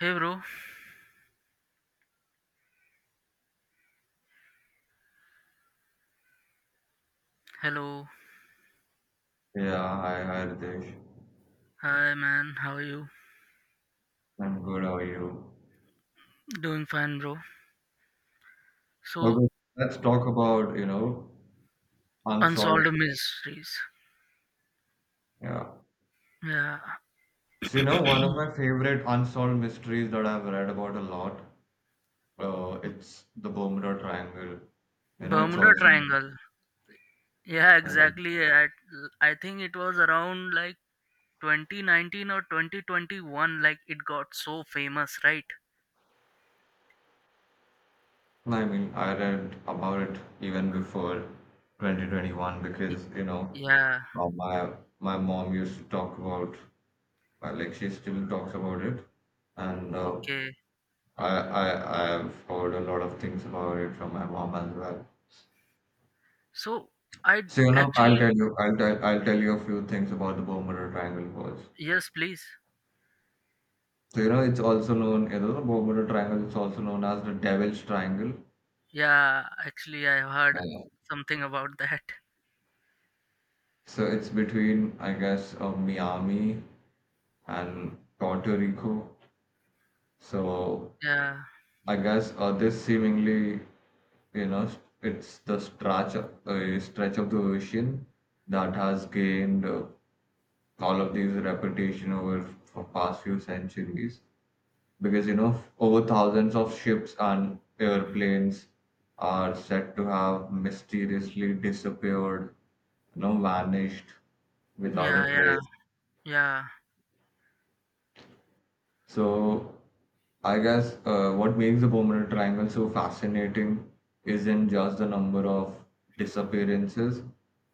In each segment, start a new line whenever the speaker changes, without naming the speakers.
Hey bro, hello.
Yeah, hi, hi, Ritesh.
Hi man, how are you?
I'm good. How are you?
Doing fine bro. So,
Okay, let's talk about, unsolved.
unsolved mysteries.
Yeah.
Yeah,
So, one of my favorite unsolved mysteries that I've read about a lot, it's the Bermuda Triangle. You know, it's
Bermuda
also,
Triangle. Yeah,
um,
exactly. I think it was around like 2019 or 2021, like it got so famous, right?
I mean, I read about it even before 2021
Y-
because,
Yeah,
uh, my my mom used to talk about, like, she still talks about it. And uh,
okay.
I, I I have heard a lot of things about it from my mom as well.
So, I
So I'll
actually
tell you, I'll tell, I'll tell you a few things about the Bermuda Triangle first.
Yes, please.
So it's also known, the Bermuda Triangle is also known as the Devil's Triangle.
Yeah, actually I heard
Uh,
something about that.
so it's between, I guess, Miami and Puerto Rico. So
Yeah.
I guess this seemingly, it's the stretch, stretch of the ocean that has gained. All of these reputation over for past few centuries because over thousands of ships and airplanes are said to have mysteriously disappeared, vanished without a
Yeah, yeah.
trace.
Yeah.
So I guess what makes the Bermuda Triangle so fascinating isn't just the number of disappearances,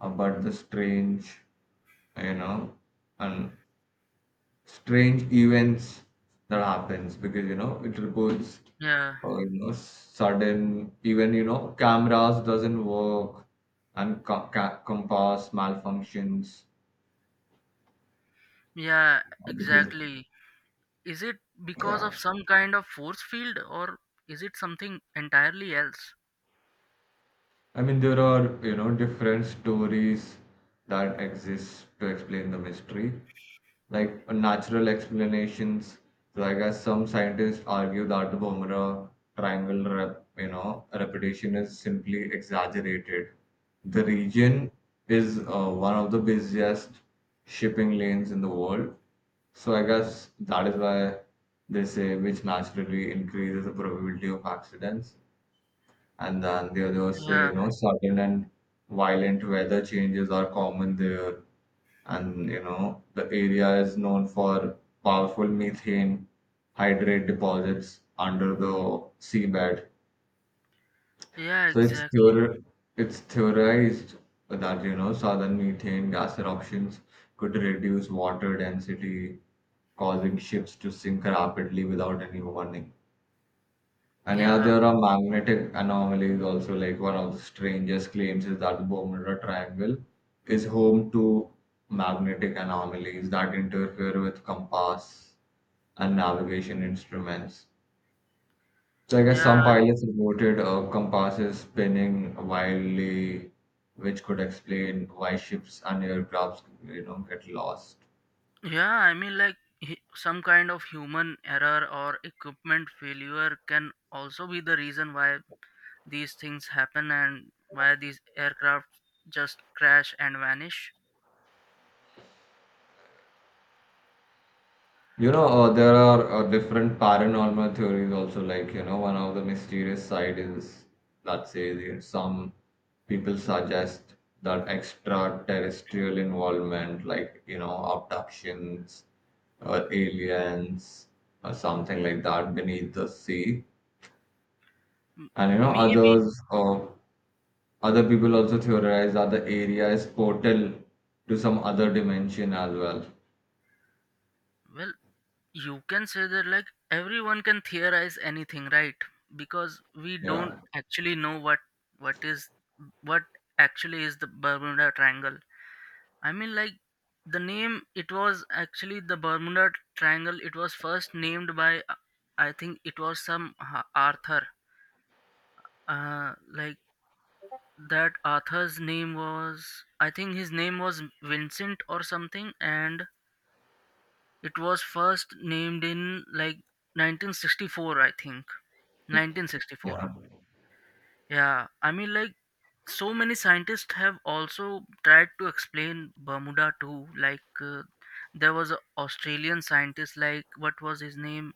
but the strange, you know and strange events that happens, because it reports
Yeah.
sudden, even cameras doesn't work and compass malfunctions.
Yeah,
Everything.
exactly. Is it because
Yeah.
of some kind of force field, or is it something entirely else?
I mean, there are, different stories that exist to explain the mystery, like natural explanations. So I guess some scientists argue that the Bumrah triangle, repetition is simply exaggerated. The region is one of the busiest shipping lanes in the world, so I guess that is why they say, which naturally increases the probability of accidents. And then the others say,
Yeah,
sudden and violent weather changes are common there. And, the area is known for powerful methane hydrate deposits under the seabed.
yeah,
So
exactly.
it's theorized that, southern methane gas eruptions could reduce water density, causing ships to sink rapidly without any warning. And yeah,
Yeah,
there are magnetic anomalies also. Like, one of the strangest claims is that the Bermuda Triangle is home to magnetic anomalies that interfere with compass and navigation instruments. So I guess
yeah,
some pilots reported compasses spinning wildly, which could explain why ships and aircrafts, get lost.
yeah. I mean, like, some kind of human error or equipment failure can also be the reason why these things happen and why these aircraft just crash and vanish.
There are different paranormal theories also. Like, one of the mysterious side is, let's say, some people suggest that extraterrestrial involvement, like, abductions or aliens or something like that beneath the sea.
M-
And,
Maybe.
others, other people also theorize that the area is portal to some other dimension as well.
Well, you can say that, like, everyone can theorize anything, right? Because we don't
Yeah,
actually know what is what actually is the Bermuda Triangle. I mean, like, the name, it was actually the Bermuda Triangle. It was first named by, I think it was some Arthur. Like, that Arthur's name was, I think his name was Vincent or something. And it was first named in like 1964, I think.
yeah,
1964. Yeah, I mean, like, so many scientists have also tried to explain Bermuda too. Like, there was an Australian scientist, like, what was his name?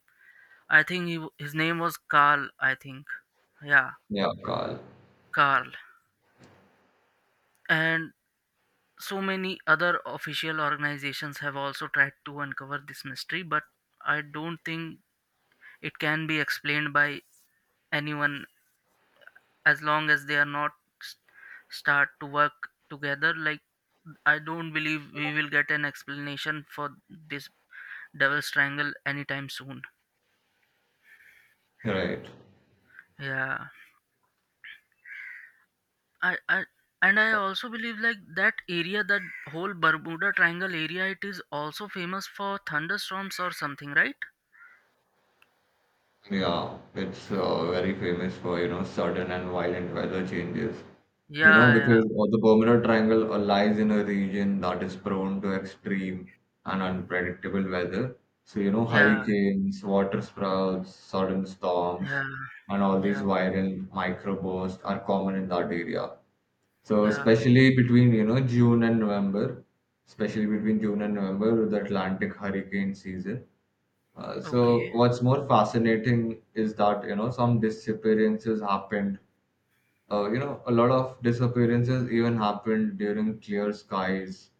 I think his name was Carl, I think. Yeah,
yeah, Carl.
Carl. And so many other official organizations have also tried to uncover this mystery, but I don't think it can be explained by anyone as long as they are not, s- start to work together. Like, I don't believe we will get an explanation for this devil's triangle anytime soon.
Right.
Yeah. I i and I also believe, like, that area, that whole Bermuda Triangle area, it is also famous for thunderstorms or something, right?
Yeah, it's very famous for, sudden and violent weather changes.
Yeah, yeah.
Because the Bermuda Triangle lies in a region that is prone to extreme and unpredictable weather. So,
Yeah,
hurricanes, water sprouts, sudden storms,
yeah,
and all these
yeah,
viral microbursts are common in that area. So,
yeah.
especially between, June and November, the Atlantic hurricane season, so
Okay.
what's more fascinating is that some disappearances happened. A lot of disappearances even happened during clear skies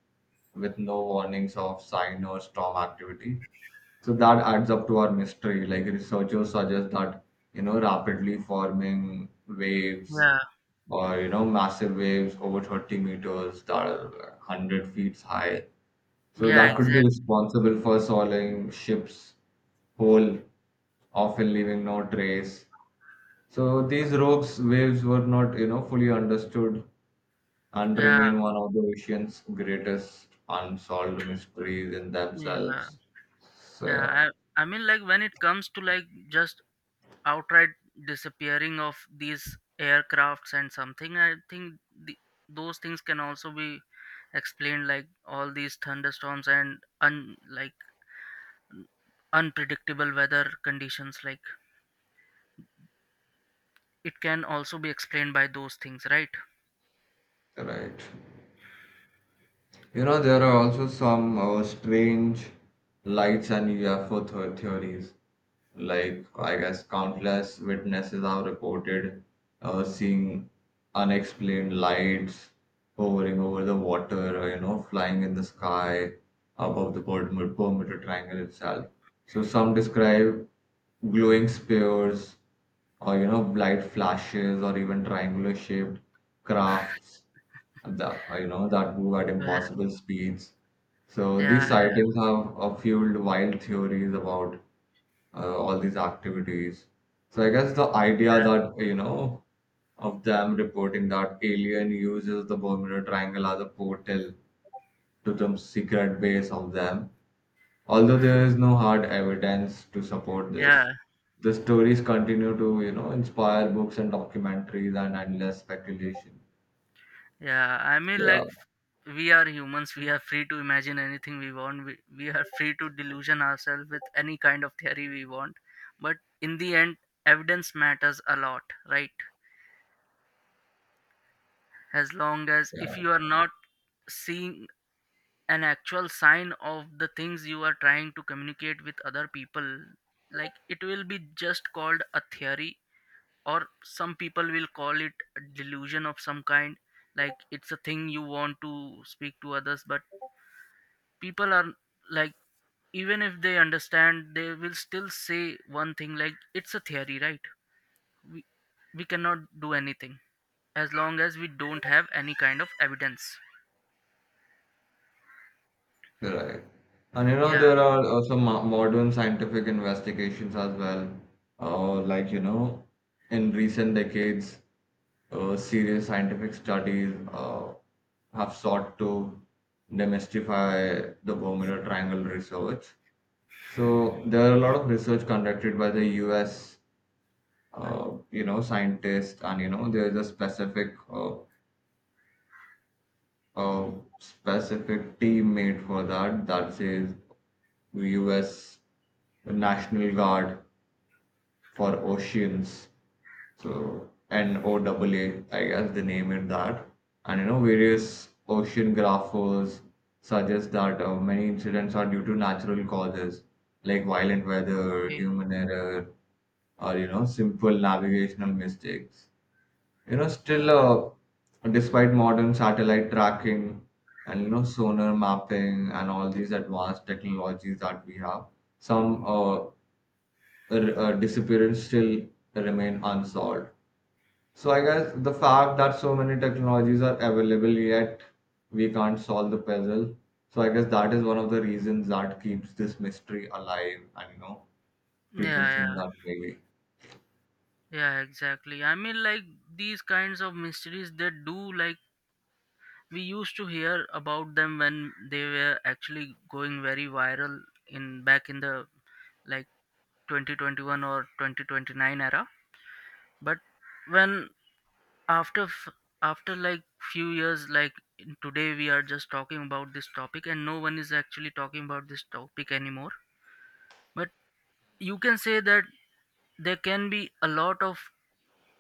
with no warnings of sign or storm activity. So that adds up to our mystery. Like, researchers suggest that rapidly forming waves
Yeah,
or massive waves over 30 meters, that are 100 feet high, so
yeah,
that could be
exactly.
responsible for soiling ships whole, often leaving no trace. So these rogues waves were not, fully understood and
Yeah,
remain one of the ocean's greatest unsolved mysteries in
yeah,
themselves.
yeah.
So
I mean, like, when it comes to, like, just outright disappearing of these aircrafts and something, I think the, those things can also be explained, like, all these thunderstorms and, like, unpredictable weather conditions, like, it can also be explained by those things, right?
yeah, right. You know, there are also some strange lights and UFO theories. Like, I guess, countless witnesses have reported seeing unexplained lights hovering over the water, or, flying in the sky above the perimeter triangle itself. So, some describe glowing spheres, or bright flashes, or even triangular shaped crafts, the that move at
Yeah.
impossible speeds. So these
Yeah.
sightings have fueled wild theories about all these activities. So I guess the idea
Yeah.
that of them reporting that alien uses the Bermuda Triangle as a portal to some secret base of them, although there is no hard evidence to support this.
Yeah.
The stories continue to inspire books and documentaries and endless speculation.
Yeah. I mean,
Yeah.
like, we are humans, we are free to imagine anything we want. We are free to delusion ourselves with any kind of theory we want. But in the end, evidence matters a lot, right? As long as, if you are not seeing an actual sign of the things you are trying to communicate with other people, like, it will be just called a theory, or some people will call it a delusion of some kind. Like, it's a thing you want to speak to others, but people are, like, even if they understand, they will still say one thing, like, it's a theory, right? we, we cannot do anything as long as we don't have any kind of evidence.
Right. And
Yeah.
there are also mo modern scientific investigations as well. Like, in recent decades, serious scientific studies have sought to demystify the Bermuda Triangle research. So there are a lot of research conducted by the US, scientists, and there is a specific team made for that that says US National Guard for Oceans. So NOAA. I guess they name it that. And various oceanographers suggest that many incidents are due to natural causes like violent weather, human error, or simple navigational mistakes.
Yeah,
Still, despite modern satellite tracking and sonar mapping and all these advanced technologies that we have, some disappearances still remain unsolved. So I guess the fact that so many technologies are available, yet we can't solve the puzzle. So I guess that is one of the reasons that keeps this mystery alive. And
yeah,
people think
yeah,
that maybe,
yeah, exactly. I mean, like, these kinds of mysteries, they do, like, we used to hear about them when they were actually going very viral in back in the, like, 2021 or 2029 era. But when, after after, like, few years, like, today we are just talking about this topic, and no one is actually talking about this topic anymore. But you can say that there can be a lot of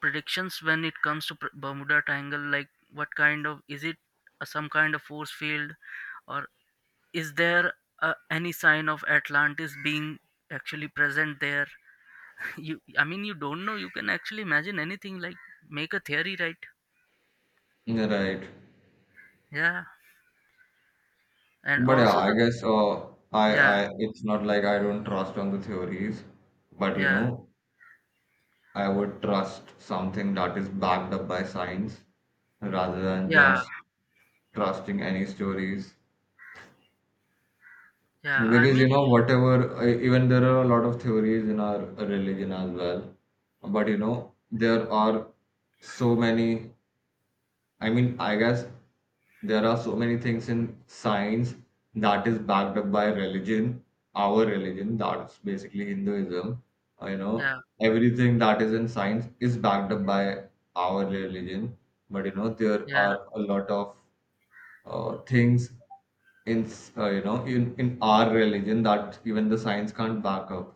predictions when it comes to, Bermuda Triangle, like, what kind of is it? Some kind of force field, or is there, any sign of Atlantis being actually present there? you I mean, you don't know. You can actually imagine anything, like, make a theory, right?
right.
Yeah. and
But yeah,
also
I
the
guess I,
Yeah,
I it's not like I don't trust on the theories, but
yeah,
I would trust something that is backed up by science rather than
yeah,
just trusting any stories.
yeah. I
Because
mean, like,
even there are a lot of theories in our religion as well, but there are so many, I mean, I guess there are so many things in science that is backed up by religion, our religion, that's basically Hinduism. Uh, you know,
yeah,
everything that is in science is backed up by our religion. But there
yeah,
are a lot of things in s- you know in our religion that even the science can't back up,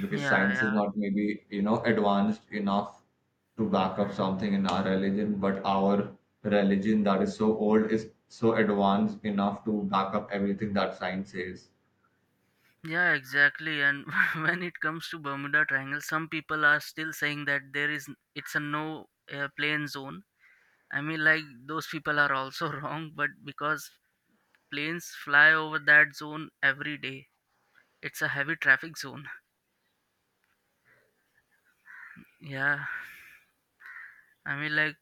because
yeah,
science is
yeah,
not maybe advanced enough to back up something in our religion, but our religion, that is so old, is so advanced enough to back up everything that science says.
yeah, exactly. And when it comes to Bermuda Triangle, some people are still saying that there is it's a no, plane zone. I mean, like, those people are also wrong, but because planes fly over that zone every day, it's a heavy traffic zone. Yeah, I mean, like,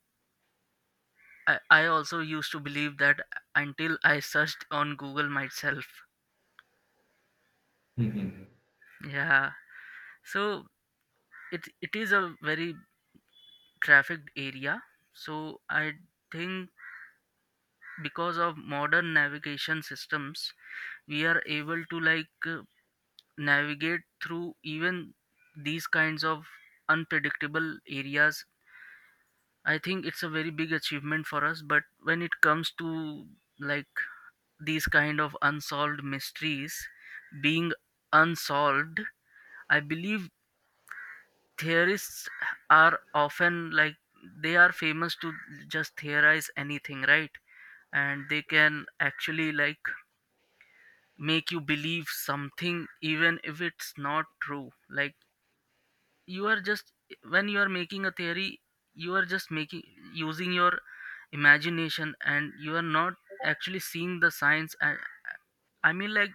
I also used to believe that until I searched on Google myself.
Mhm.
Yeah, so it is a very trafficked area. So I think because of modern navigation systems, we are able to, like, navigate through even these kinds of unpredictable areas. I think it's a very big achievement for us, but when it comes to, like, these kind of unsolved mysteries being unsolved, I believe theorists are often, like, they are famous to just theorize anything, right? And they can actually, like, make you believe something even if it's not true. Like, you are just, when you are making a theory, you are just making, using your imagination, and you are not actually seeing the science and, I mean, like,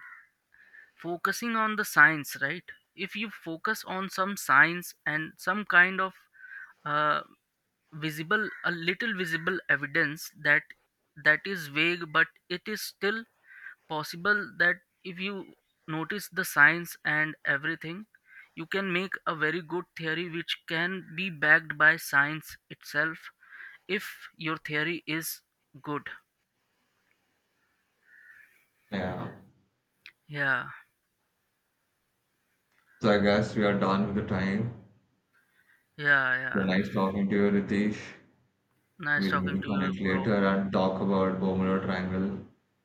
focusing on the science, right? If you focus on some science and some kind of, uh, visible a little visible evidence, that is vague, but it is still possible that if you notice the signs and everything, you can make a very good theory which can be backed by science itself, if your theory is good.
Yeah,
Yeah.
so I guess we are done with the time.
Yeah.
So
Yeah.
nice talking to you, Ritesh.
Nice
We'll maybe
talking to you
connect
bro.
later and talk about Bermuda Triangle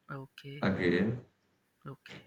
Okay.
again.
Okay.